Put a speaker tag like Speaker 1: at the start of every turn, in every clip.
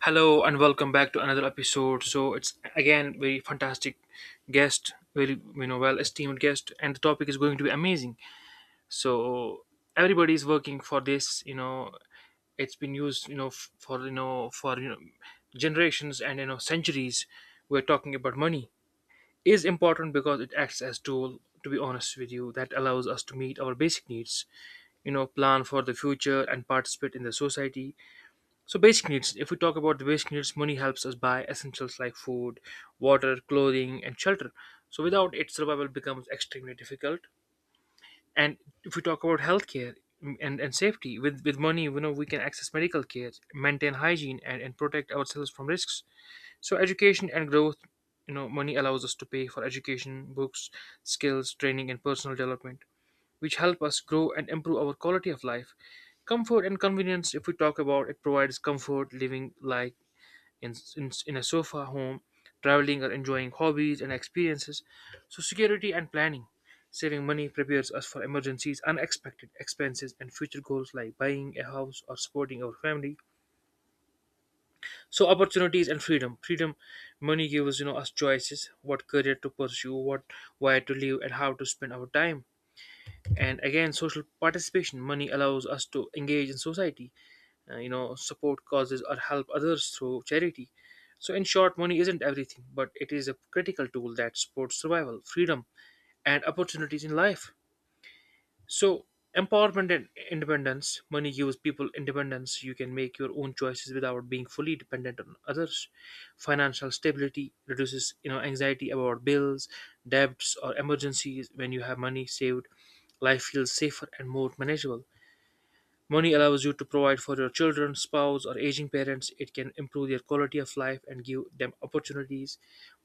Speaker 1: Hello and welcome back to another episode. So it's again very fantastic guest, very well esteemed guest, and the topic is going to be amazing. So everybody is working for this. It's been used for for generations and centuries. We're talking about money is important because it acts as tool. To be honest with you, that allows us to meet our basic needs, plan for the future and participate in the society. So basic needs: if we talk about the basic needs, money helps us buy essentials like food, water, clothing, and shelter. So without it, survival becomes extremely difficult. And if we talk about healthcare, and safety, with money, we can access medical care, maintain hygiene, and protect ourselves from risks. So education and growth, money allows us to pay for education, books, skills, training, and personal development which help us grow and improve our quality of life. Comfort and convenience, if we talk about it, provides comfort living like in a sofa home, traveling or enjoying hobbies and experiences. So, security and planning. Saving money prepares us for emergencies, unexpected expenses, and future goals like buying a house or supporting our family. So, opportunities and freedom. Freedom, money gives us choices: what career to pursue, what where to live, and how to spend our time. And again, social participation, money allows us to engage in society, support causes or help others through charity. So in short, money isn't everything, but it is a critical tool that supports survival, freedom, and opportunities in life. So empowerment and independence, money gives people independence. You can make your own choices without being fully dependent on others. Financial stability reduces, anxiety about bills, debts, or emergencies. When you have money saved, life feels safer and more manageable. Money allows you to provide for your children, spouse, or aging parents. It can improve their quality of life and give them opportunities.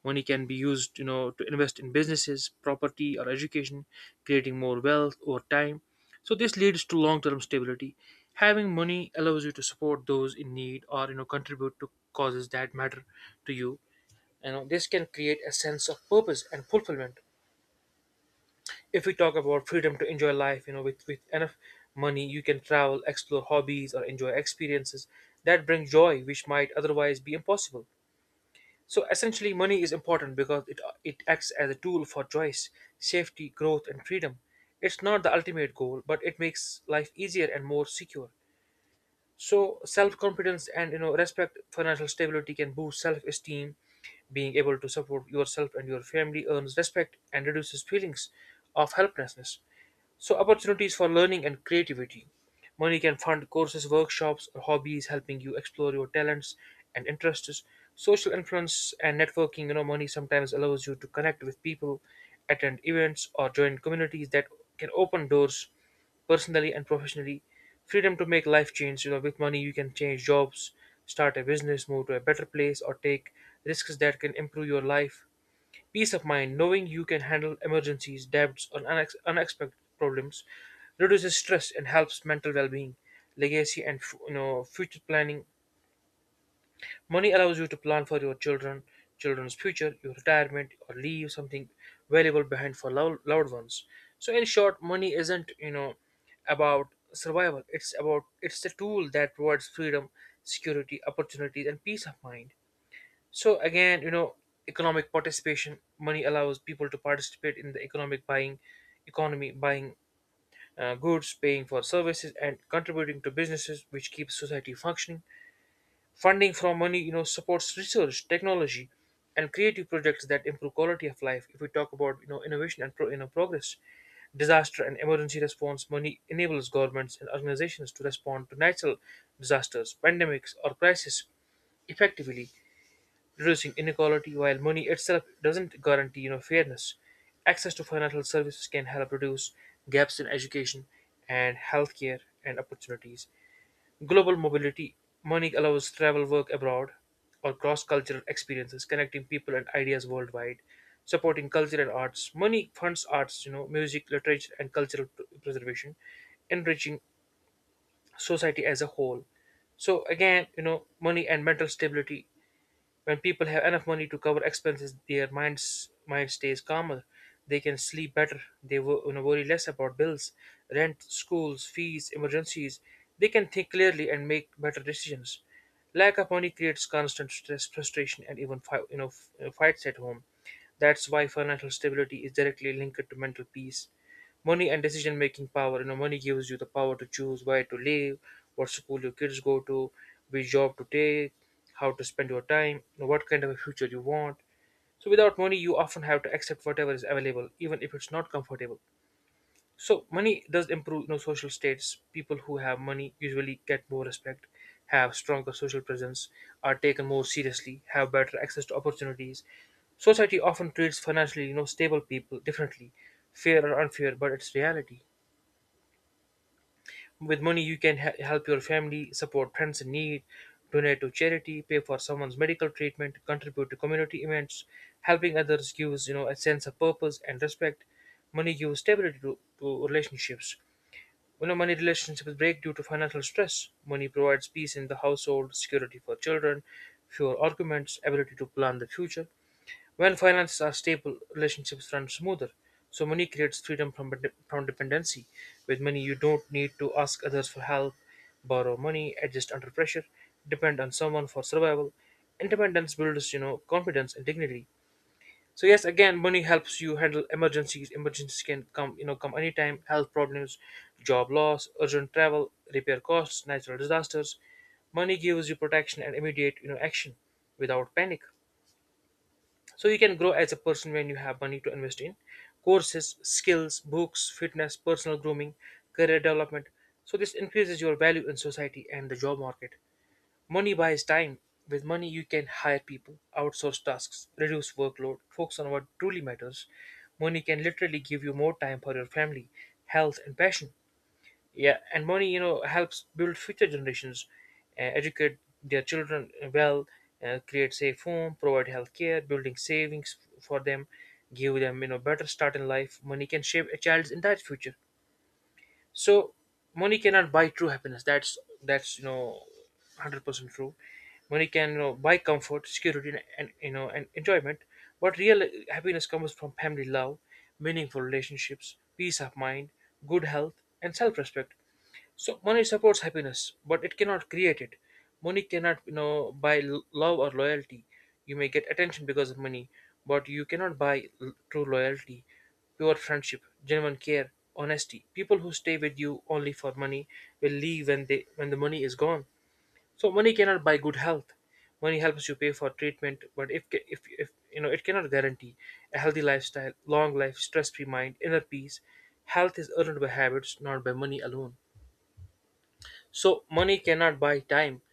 Speaker 1: Money can be used, to invest in businesses, property, or education, creating more wealth over time. So this leads to long-term stability. Having money allows you to support those in need or contribute to causes that matter to you. You know, this can create a sense of purpose and fulfillment. If we talk about freedom to enjoy life, with enough money, you can travel, explore hobbies, or enjoy experiences that bring joy which might otherwise be impossible. So essentially, money is important because it acts as a tool for choice, safety, growth, and freedom. It's not the ultimate goal, but it makes life easier and more secure. So self-confidence and respect, financial stability can boost self-esteem. Being able to support yourself and your family earns respect and reduces feelings of helplessness. So opportunities for learning and creativity. Money can fund courses, workshops, or hobbies, helping you explore your talents and interests. Social influence and networking, money sometimes allows you to connect with people, attend events, or join communities that can open doors personally and professionally. Freedom to make life change, with money you can change jobs, start a business, move to a better place, or take risks that can improve your life. Peace of mind, knowing you can handle emergencies, debts, or unexpected problems, reduces stress and helps mental well-being. Legacy, and future planning. Money allows you to plan for your children, children's future, your retirement, or leave something valuable behind for loved ones. So, in short, money isn't about survival. It's the tool that provides freedom, security, opportunities, and peace of mind. So again, economic participation, money allows people to participate in the economic buying economy, buying goods, paying for services, and contributing to businesses, which keeps society functioning. Funding from money, supports research, technology, and creative projects that improve quality of life. If we talk about innovation and progress, disaster and emergency response, money enables governments and organizations to respond to natural disasters, pandemics, or crises effectively, reducing inequality. While money itself doesn't guarantee fairness, access to financial services can help reduce gaps in education and healthcare and opportunities. Global mobility, money allows travel, work abroad, or cross-cultural experiences, connecting people and ideas worldwide, supporting culture and arts. Money funds arts, music, literature, and cultural preservation, enriching society as a whole. So again, money and mental stability, when people have enough money to cover expenses, their mind stays calmer. They can sleep better. They worry less about bills, rent, schools, fees, emergencies. They can think clearly and make better decisions. Lack of money creates constant stress, frustration, and even fights at home. That's why financial stability is directly linked to mental peace. Money and decision making power. You know, money gives you the power to choose where to live, what school your kids go to, which job to take, how to spend your time, what kind of a future you want. So without money, you often have to accept whatever is available, even if it's not comfortable. So money does improve social status. People who have money usually get more respect, have stronger social presence, are taken more seriously, have better access to opportunities. Society often treats financially stable people differently, fair or unfair, but it's reality. With money, you can help your family, support friends in need, donate to charity, pay for someone's medical treatment, contribute to community events. Helping others gives a sense of purpose and respect. Money gives stability to relationships. You know, money relationships break due to financial stress. Money provides peace in the household, security for children, fewer arguments, ability to plan the future. When finances are stable, relationships run smoother. So money creates freedom from dependency. With money, you don't need to ask others for help, borrow money, adjust under pressure, depend on someone for survival. Independence builds, confidence and dignity. So yes, again, money helps you handle emergencies. Emergencies can come, come anytime. Health problems, job loss, urgent travel, repair costs, natural disasters. Money gives you protection and immediate, action without panic. So you can grow as a person when you have money to invest in courses, skills, books, fitness, personal grooming, career development. So this increases your value in society and the job market. Money buys time. With money, you can hire people, outsource tasks, reduce workload, focus on what truly matters. Money can literally give you more time for your family, health, and passion. Yeah, and money helps build future generations, educate their children well, create safe home, provide health care, building savings for them, give them better start in life. Money can shape a child's entire future. So money cannot buy true happiness. That's 100% true. Money can, buy comfort, security, and and enjoyment, but real happiness comes from family love, meaningful relationships, peace of mind, good health, and self-respect. So money supports happiness, but it cannot create it. Money cannot, buy love or loyalty. You may get attention because of money, but you cannot buy true loyalty, pure friendship, genuine care, honesty. People who stay with you only for money will leave when the money is gone. So money cannot buy good health. Money helps you pay for treatment, but if ca- if you know it cannot guarantee a healthy lifestyle, long life, stress-free mind, inner peace. Health is earned by habits, not by money alone. So money cannot buy time.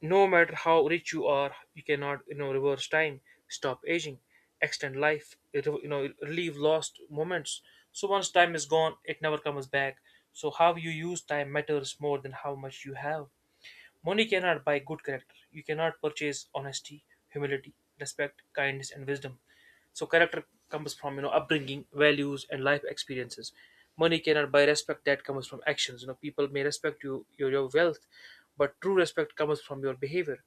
Speaker 1: No matter how rich you are, you cannot reverse time, stop aging, extend life, relieve lost moments. So once time is gone, it never comes back. So how you use time matters more than how much you have. Money cannot buy good character. You cannot purchase honesty, humility, respect, kindness, and wisdom. So character comes from upbringing, values, and life experiences. Money cannot buy respect; that comes from actions. You know, people may respect your wealth, but true respect comes from your behavior,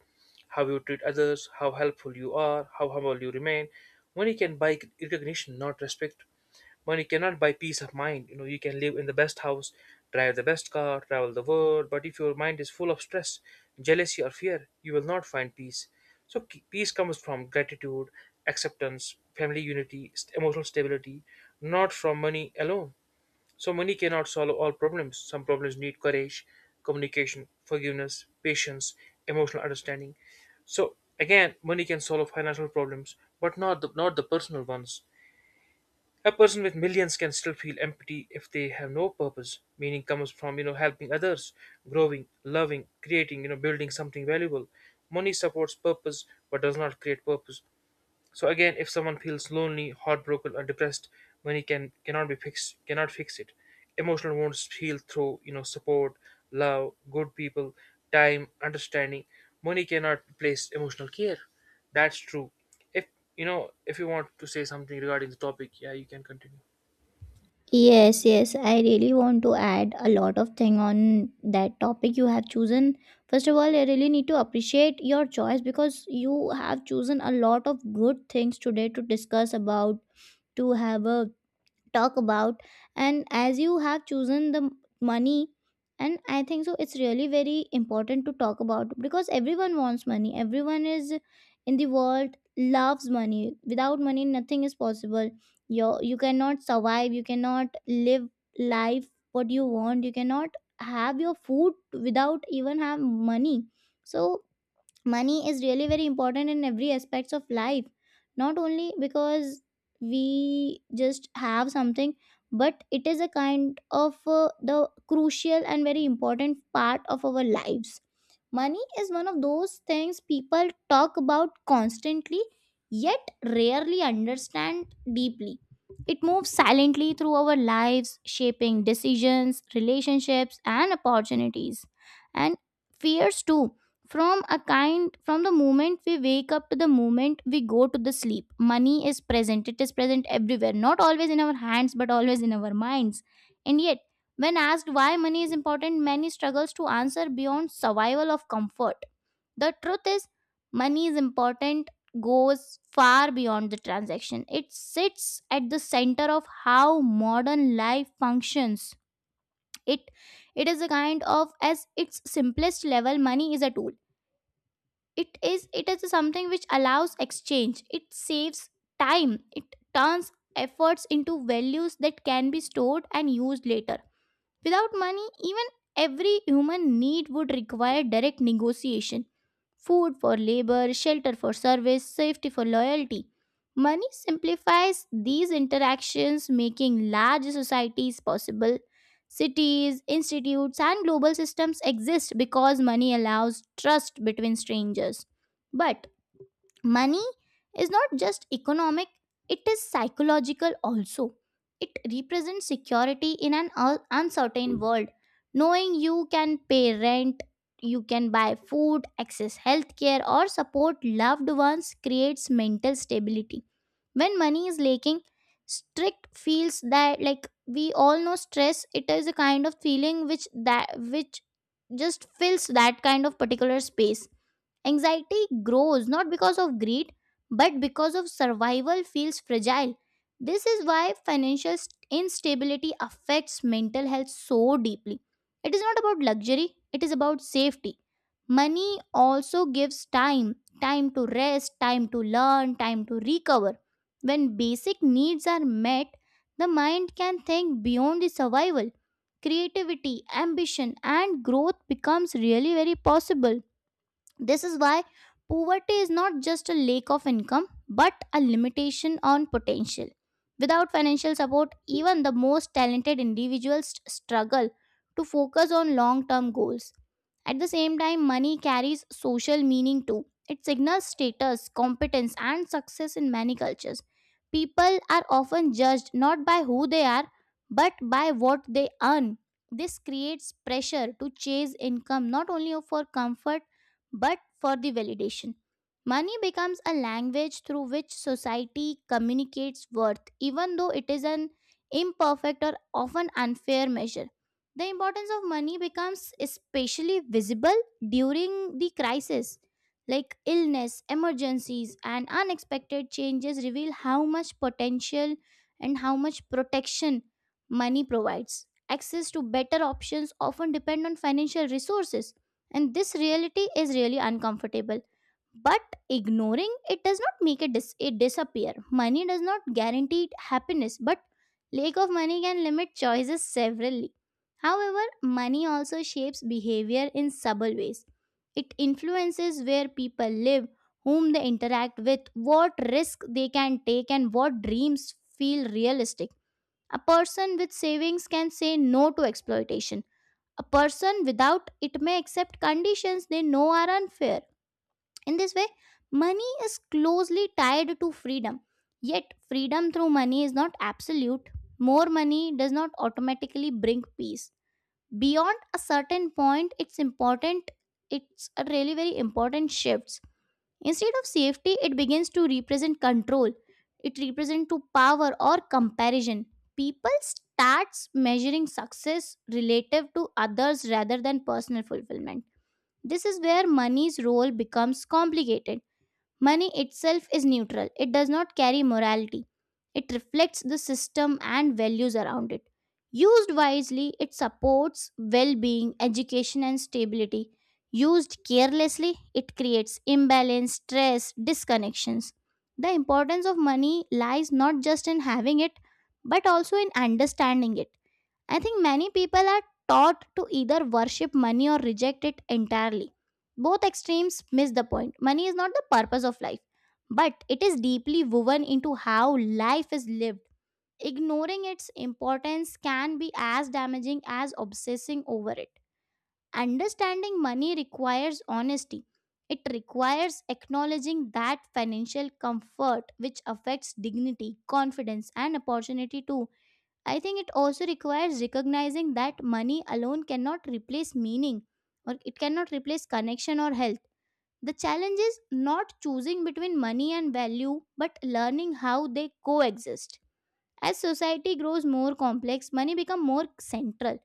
Speaker 1: how you treat others, how helpful you are, how humble you remain. Money can buy recognition, not respect. Money cannot buy peace of mind. You know, you can live in the best house, drive the best car, travel the world, but if your mind is full of stress, jealousy, or fear, you will not find peace. So peace comes from gratitude, acceptance, family unity, emotional stability, not from money alone. So money cannot solve all problems. Some problems need courage, communication, forgiveness, patience, emotional understanding. So again, money can solve financial problems, but not the personal ones. A person with millions can still feel empty if they have no purpose. Meaning comes from helping others, growing, loving, creating, building something valuable. Money supports purpose but does not create purpose. So again, if someone feels lonely, heartbroken, or depressed, money cannot fix it. Emotional wounds heal through support, love, good people, time, understanding. Money cannot replace emotional care. That's true. If if you want to say something regarding the topic, yeah, you can continue.
Speaker 2: Yes, yes, I really want to add a lot of thing on that topic you have chosen. First of all, I really need to appreciate your choice because you have chosen a lot of good things today to discuss about, to have a talk about. And as you have chosen the money, and I think so it's really very important to talk about, because everyone wants money, everyone is in the world loves money. Without money, nothing is possible. You cannot survive, you cannot live life what you want, you cannot have your food without even have money. So money is really very important in every aspects of life, not only because we just have something, but it is a kind of the crucial and very important part of our lives. Money is one of those things people talk about constantly, yet rarely understand deeply. It moves silently through our lives, shaping decisions, relationships and opportunities. And fears too. From a kind, from the moment we wake up to the moment we go to the sleep, money is present. It is present everywhere, not always in our hands, but always in our minds. And yet, when asked why money is important, many struggles to answer beyond survival of comfort. The truth is money is important, goes far beyond the transaction. It sits at the center of how modern life functions. it it is a kind of, as its simplest level, money is a tool. It is something which allows exchange, it saves time, it turns efforts into values that can be stored and used later. Without money, even every human need would require direct negotiation. Food for labor, shelter for service, safety for loyalty. Money simplifies these interactions, making large societies possible. Cities, institutes, and global systems exist because money allows trust between strangers. But money is not just economic, it is psychological also. It represents security in an uncertain world. Knowing you can pay rent, you can buy food, access healthcare or support loved ones creates mental stability. When money is lacking, strict feels that, like we all know stress, it is a kind of feeling which, that which just fills that kind of particular space. Anxiety grows not because of greed, but because of survival feels fragile. This is why financial instability affects mental health so deeply. It is not about luxury, it is about safety. Money also gives time, time to rest, time to learn, time to recover. When basic needs are met, the mind can think beyond the survival. Creativity, ambition and growth becomes really very possible. This is why poverty is not just a lack of income, but a limitation on potential. Without financial support, even the most talented individuals struggle to focus on long term goals. At the same time, money carries social meaning too. It signals status, competence, and success in many cultures. People are often judged not by who they are, but by what they earn. This creates pressure to chase income not only for comfort, but for the validation. Money becomes a language through which society communicates worth, even though it is an imperfect or often unfair measure. The importance of money becomes especially visible during the crisis, like illness, emergencies, and unexpected changes reveal how much potential and how much protection money provides. Access to better options often depend on financial resources, and this reality is really uncomfortable, but ignoring it does not make it disappear. Money does not guarantee happiness, but lack of money can limit choices severally. However, money also shapes behavior in subtle ways. It influences where people live, whom they interact with, what risk they can take, and what dreams feel realistic. A person with savings can say no to exploitation. A person without it may accept conditions they know are unfair. In this way, money is closely tied to freedom. Yet, freedom through money is not absolute. More money does not automatically bring peace. Beyond a certain point, it's important, it's a really very important shift. Instead of safety, it begins to represent control. It represents to power or comparison. People starts measuring success relative to others rather than personal fulfillment. This is where money's role becomes complicated. Money itself is neutral, it does not carry morality. It reflects the system and values around it. Used wisely, it supports well being, education, and stability. Used carelessly, it creates imbalance, stress, disconnections. The importance of money lies not just in having it, but also in understanding it. I think many people are taught to either worship money or reject it entirely. Both extremes miss the point. Money is not the purpose of life, but it is deeply woven into how life is lived. Ignoring its importance can be as damaging as obsessing over it. Understanding money requires honesty. It requires acknowledging that financial comfort which affects dignity, confidence, and opportunity too. I think it also requires recognizing that money alone cannot replace meaning, or it cannot replace connection or health. The challenge is not choosing between money and value, but learning how they coexist. As society grows more complex, money becomes more central.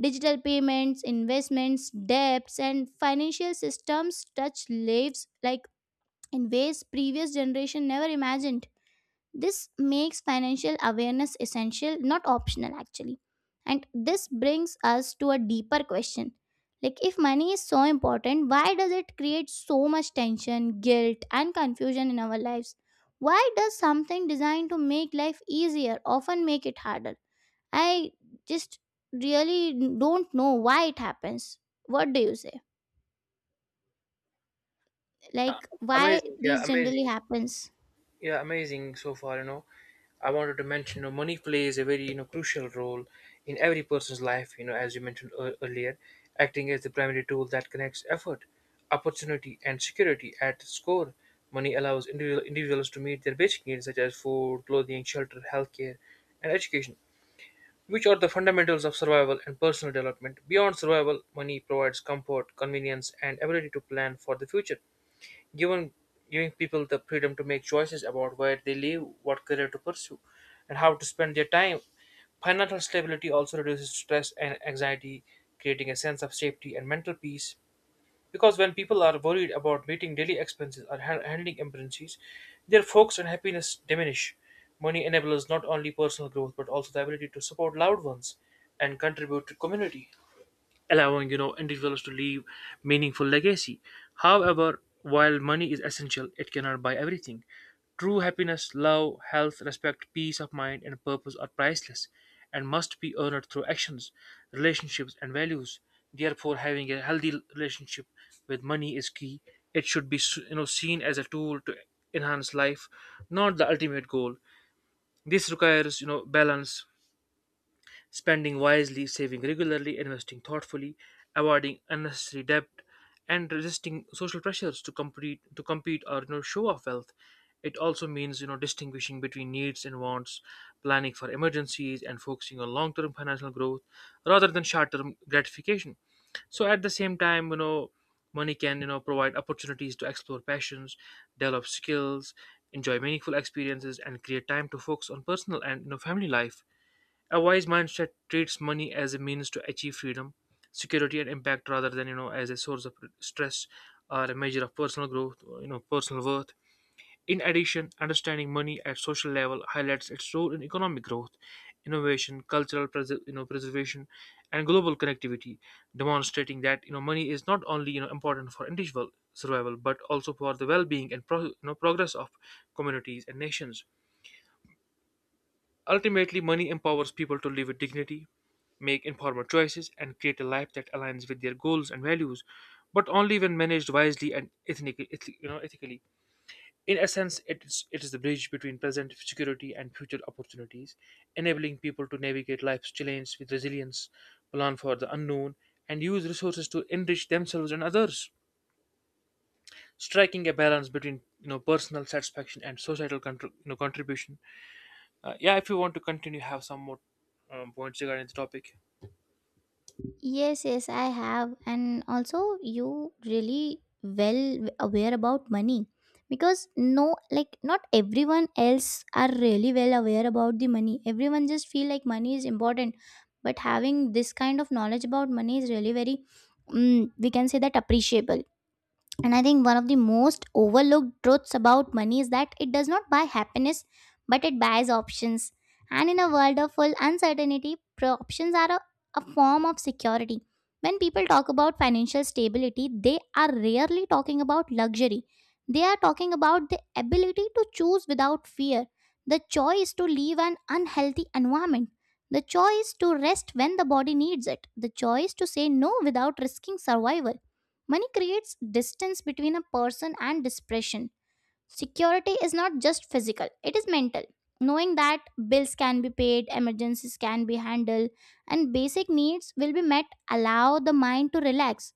Speaker 2: Digital payments, investments, debts and financial systems touch lives like in ways previous generation never imagined. This makes financial awareness essential, not optional actually. And this brings us to a deeper question. Like, if money is so important, why does it create so much tension, guilt, and confusion in our lives? Why does something designed to make life easier often make it harder? I just really don't know why it happens. What do you say? Like, why
Speaker 1: Amazing, yeah,
Speaker 2: these generally
Speaker 1: amazing.
Speaker 2: happens?
Speaker 1: Yeah, amazing so far. I wanted to mention, money plays a very, crucial role in every person's life. You know, as you mentioned earlier, acting as the primary tool that connects effort, opportunity, and security at its core. Money allows individuals to meet their basic needs such as food, clothing, shelter, healthcare, and education, which are the fundamentals of survival and personal development. Beyond survival, money provides comfort, convenience, and ability to plan for the future, giving giving people the freedom to make choices about where they live, what career to pursue, and how to spend their time. Financial stability also reduces stress and anxiety, creating a sense of safety and mental peace. Because when people are worried about meeting daily expenses or handling emergencies, their focus and happiness diminish. Money enables not only personal growth but also the ability to support loved ones and contribute to community, allowing individuals to leave meaningful legacy. However, while money is essential, it cannot buy everything. True happiness, love, health, respect, peace of mind, and purpose are priceless, and must be earned through actions, relationships, and values. Therefore, having a healthy relationship with money is key. It should be seen as a tool to enhance life, not the ultimate goal. This requires balance. Spending wisely, saving regularly, investing thoughtfully, avoiding unnecessary debt, and resisting social pressures to compete or show off wealth. It also means distinguishing between needs and wants, planning for emergencies, and focusing on long-term financial growth rather than short-term gratification. So at the same time, money can provide opportunities to explore passions, develop skills, enjoy meaningful experiences, and create time to focus on personal and family life. A wise mindset treats money as a means to achieve freedom, security, and impact rather than as a source of stress or a measure of personal growth, or, personal worth. In addition, understanding money at social level highlights its role in economic growth, innovation, cultural preservation, and global connectivity, demonstrating that money is not only important for individual survival but also for the well-being and progress of communities and nations. Ultimately, money empowers people to live with dignity, make informed choices, and create a life that aligns with their goals and values, but only when managed wisely and ethnically, eth- you know, ethically. In essence, it is the bridge between present security and future opportunities, enabling people to navigate life's challenges with resilience, plan for the unknown, and use resources to enrich themselves and others, striking a balance between personal satisfaction and societal contribution. Yeah, if you want to continue, have some more points regarding the topic.
Speaker 2: Yes, yes, I have. And also, you really well aware about money, because no, like, not everyone else are really well aware about the money. Everyone just feel like money is important. But having this kind of knowledge about money is really very, we can say that appreciable. And I think one of the most overlooked truths about money is that it does not buy happiness, but it buys options. And in a world of full uncertainty, options are a form of security. When people talk about financial stability, they are rarely talking about luxury. They are talking about the ability to choose without fear, the choice to leave an unhealthy environment, the choice to rest when the body needs it, the choice to say no without risking survival. Money creates distance between a person and depression. Security is not just physical, it is mental. Knowing that bills can be paid, emergencies can be handled, and basic needs will be met allow the mind to relax.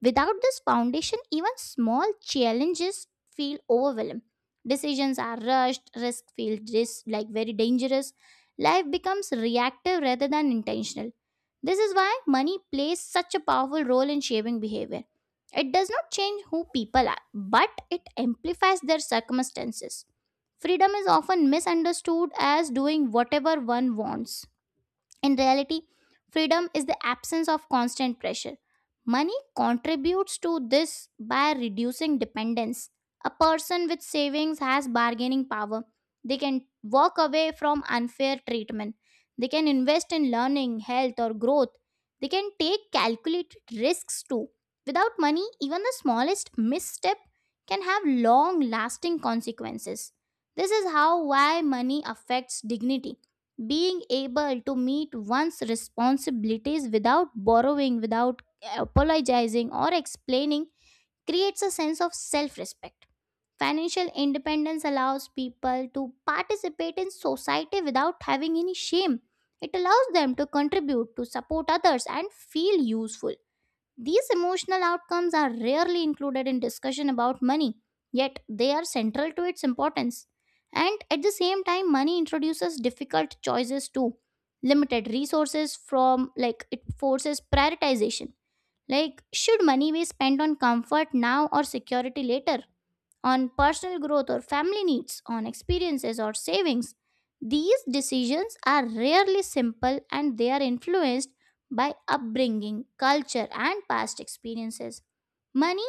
Speaker 2: Without this foundation, even small challenges feel overwhelming. Decisions are rushed, risks feel like very dangerous. Life becomes reactive rather than intentional. This is why money plays such a powerful role in shaping behavior. It does not change who people are, but it amplifies their circumstances. Freedom is often misunderstood as doing whatever one wants. In reality, freedom is the absence of constant pressure. Money contributes to this by reducing dependence. A person with savings has bargaining power. They can walk away from unfair treatment. They can invest in learning, health, or growth. They can take calculated risks too. Without money, even the smallest misstep can have long lasting consequences. This is how why money affects dignity, being able to meet one's responsibilities without borrowing, without apologizing, or explaining, creates a sense of self respect. Financial independence allows people to participate in society without having any shame. It allows them to contribute, to support others, and feel useful. These emotional outcomes are rarely included in discussion about money, yet they are central to its importance. And at the same time, money introduces difficult choices too. Limited resources from, like, it forces prioritization. Like, should money be spent on comfort now or security later? On personal growth or family needs, on experiences or savings. These decisions are rarely simple and they are influenced by upbringing, culture, and past experiences. Money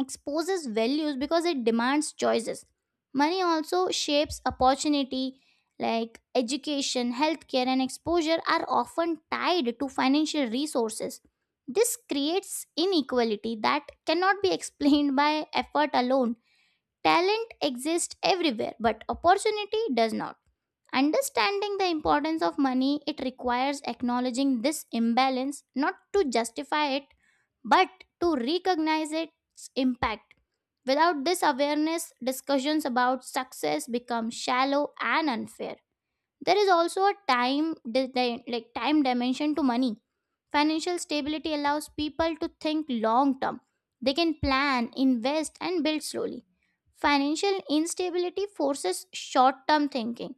Speaker 2: exposes values because it demands choices. Money also shapes opportunity, like education, healthcare, and exposure are often tied to financial resources. This creates inequality that cannot be explained by effort alone. Talent exists everywhere, but opportunity does not. Understanding the importance of money, it requires acknowledging this imbalance, not to justify it, but to recognize its impact. Without this awareness, discussions about success become shallow and unfair. There is also a time like time dimension to money. Financial stability allows people to think long term. They can plan, invest, and build slowly. Financial instability forces short term thinking.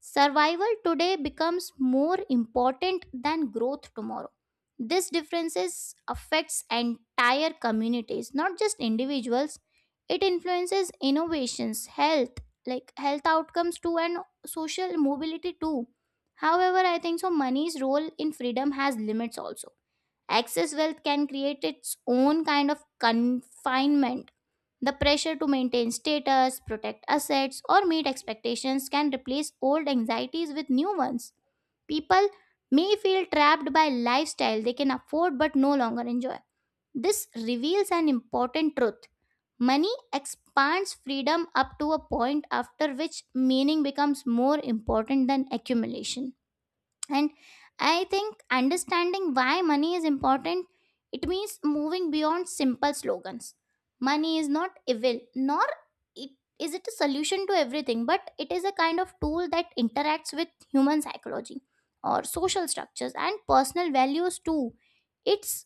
Speaker 2: Survival today becomes more important than growth tomorrow. This differences affects entire communities, not just individuals. It influences innovations, health, like health outcomes too, and social mobility too. However, I think so money's role in freedom has limits also. Excess wealth can create its own kind of confinement. The pressure to maintain status, protect assets, or meet expectations can replace old anxieties with new ones. People may feel trapped by lifestyle they can afford but no longer enjoy. This reveals an important truth. Money expands freedom up to a point, after which meaning becomes more important than accumulation. And I think understanding why money is important, it means moving beyond simple slogans. Money is not evil, nor it is it a solution to everything, but it is a kind of tool that interacts with human psychology or social structures and personal values too. Its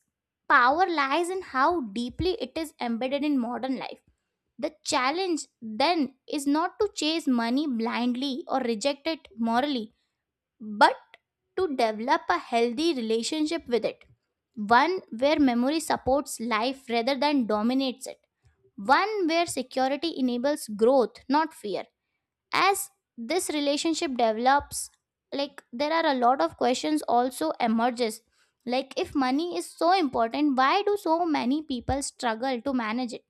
Speaker 2: power lies in how deeply it is embedded in modern life. The challenge then is not to chase money blindly or reject it morally, but to develop a healthy relationship with it. One where memory supports life rather than dominates it. One where security enables growth, not fear. As this relationship develops, like there are a lot of questions also emerges. Like, if money is so important, why do so many people struggle to manage it?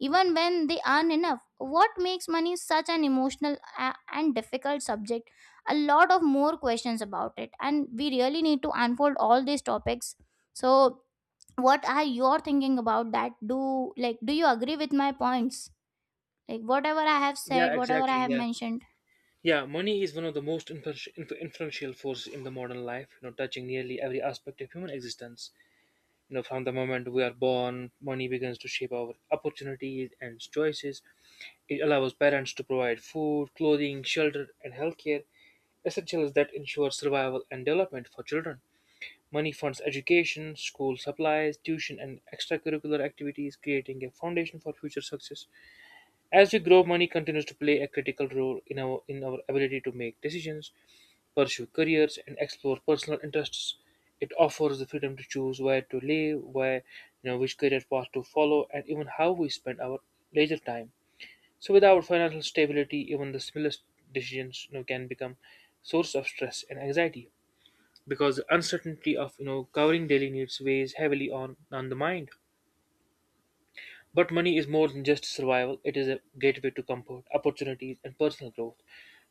Speaker 2: Even when they earn enough. What makes money such an emotional and difficult subject? A lot of more questions about it, and we really need to unfold all these topics. So, what are your thinking about that? Do you agree with my points? Like whatever I have
Speaker 1: Yeah,
Speaker 2: said, whatever I
Speaker 1: exactly.
Speaker 2: have
Speaker 1: Yeah.
Speaker 2: mentioned.
Speaker 1: Yeah, money is one of the most influential forces in the modern life, touching nearly every aspect of human existence. You know, from the moment we are born, money begins to shape our opportunities and choices. It allows parents to provide food, clothing, shelter, and healthcare, essentials that ensure survival and development for children. Money funds education, school supplies, tuition, and extracurricular activities, creating a foundation for future success. As we grow, money continues to play a critical role in our ability to make decisions, pursue careers, and explore personal interests. It offers the freedom to choose where to live, where you know which career path to follow, and even how we spend our leisure time. So, without financial stability, even the smallest decisions can become source of stress and anxiety, because the uncertainty of covering daily needs weighs heavily on the mind. But money is more than just survival, it is a gateway to comfort, opportunities, and personal growth.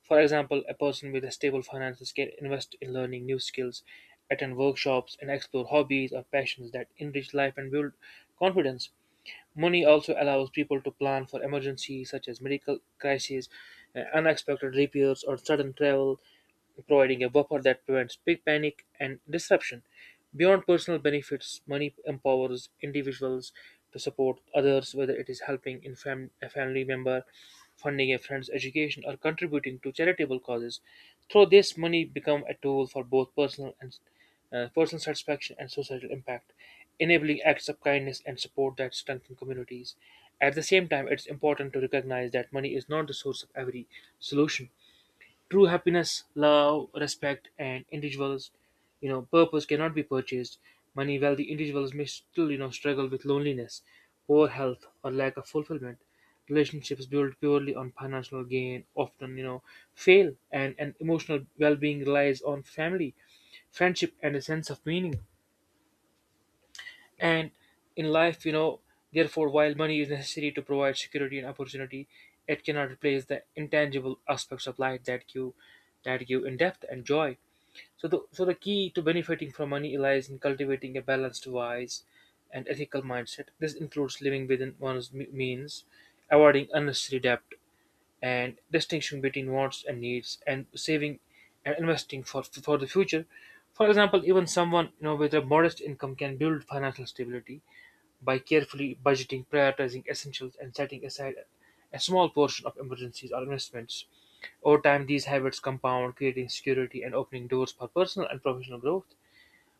Speaker 1: For example, a person with a stable finances can invest in learning new skills, attend workshops, and explore hobbies or passions that enrich life and build confidence. Money also allows people to plan for emergencies such as medical crises, unexpected repairs, or sudden travel, providing a buffer that prevents big panic and disruption. Beyond personal benefits, money empowers individuals to support others, whether it is helping in a family member, funding a friend's education, or contributing to charitable causes. Through this, money become a tool for both personal satisfaction and societal impact, enabling acts of kindness and support that strengthen communities. At the same time, it's important to recognize that money is not the source of every solution. True happiness, love, respect, and individuals, purpose cannot be purchased. Money, wealthy individuals may still, struggle with loneliness, poor health, or lack of fulfillment. Relationships built purely on financial gain often, fail, and emotional well-being relies on family, friendship, and a sense of meaning. And in life, therefore, while money is necessary to provide security and opportunity, it cannot replace the intangible aspects of life that give in depth and joy. So the key to benefiting from money lies in cultivating a balanced, wise, and ethical mindset. This includes living within one's means, avoiding unnecessary debt, and distinguishing between wants and needs, and saving and investing for the future. For example, even someone with a modest income can build financial stability by carefully budgeting, prioritizing essentials, and setting aside a small portion of emergencies or investments. Over time these habits compound, creating security and opening doors for personal and professional growth.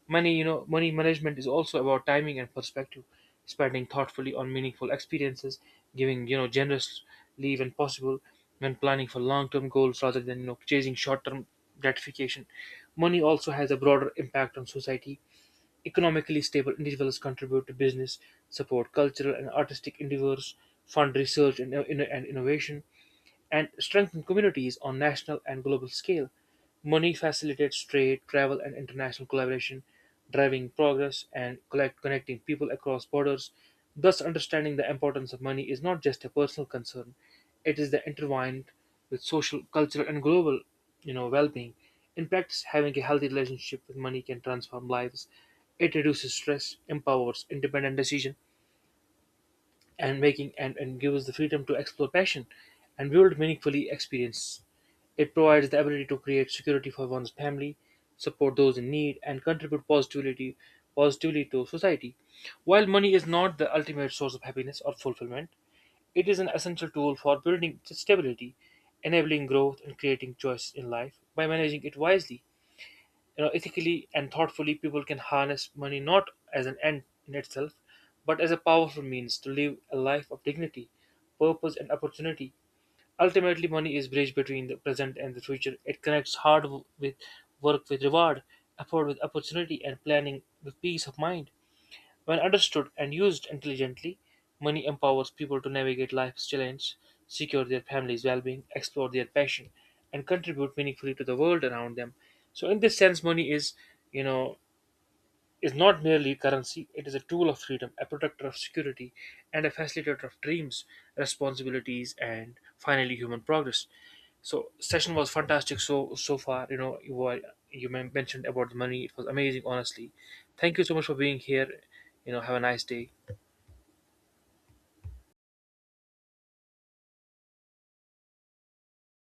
Speaker 1: Money management is also about timing and perspective, spending thoughtfully on meaningful experiences, giving generous leave when possible, when planning for long-term goals rather than chasing short-term gratification. Money also has a broader impact on society. Economically stable individuals contribute to business, support cultural and artistic endeavors, fund research and innovation, and strengthen communities on national and global scale. Money facilitates trade, travel, and international collaboration, driving progress and connecting people across borders. Thus, understanding the importance of money is not just a personal concern; it is the intertwined with social, cultural, and global, well-being. In practice, having a healthy relationship with money can transform lives. It reduces stress, empowers independent decision and making, and give us the freedom to explore passion and build meaningfully experience. It provides the ability to create security for one's family, support those in need, and contribute positively to society. While money is not the ultimate source of happiness or fulfillment, it is an essential tool for building stability, enabling growth and creating choice in life. By managing it wisely, ethically and thoughtfully, people can harness money not as an end in itself, but as a powerful means to live a life of dignity, purpose, and opportunity. Ultimately, money is bridge between the present and the future. It connects hard with work with reward, effort with opportunity, and planning with peace of mind. When understood and used intelligently, money empowers people to navigate life's challenges, secure their family's well being, explore their passion, and contribute meaningfully to the world around them. So, in this sense, money is, you know, is not merely currency, it is a tool of freedom, a protector of security, and a facilitator of dreams, responsibilities, and finally human progress. So session was fantastic so far. You know you were, you mentioned about the money. It was amazing, honestly. Thank you so much for being here. You know have a nice day.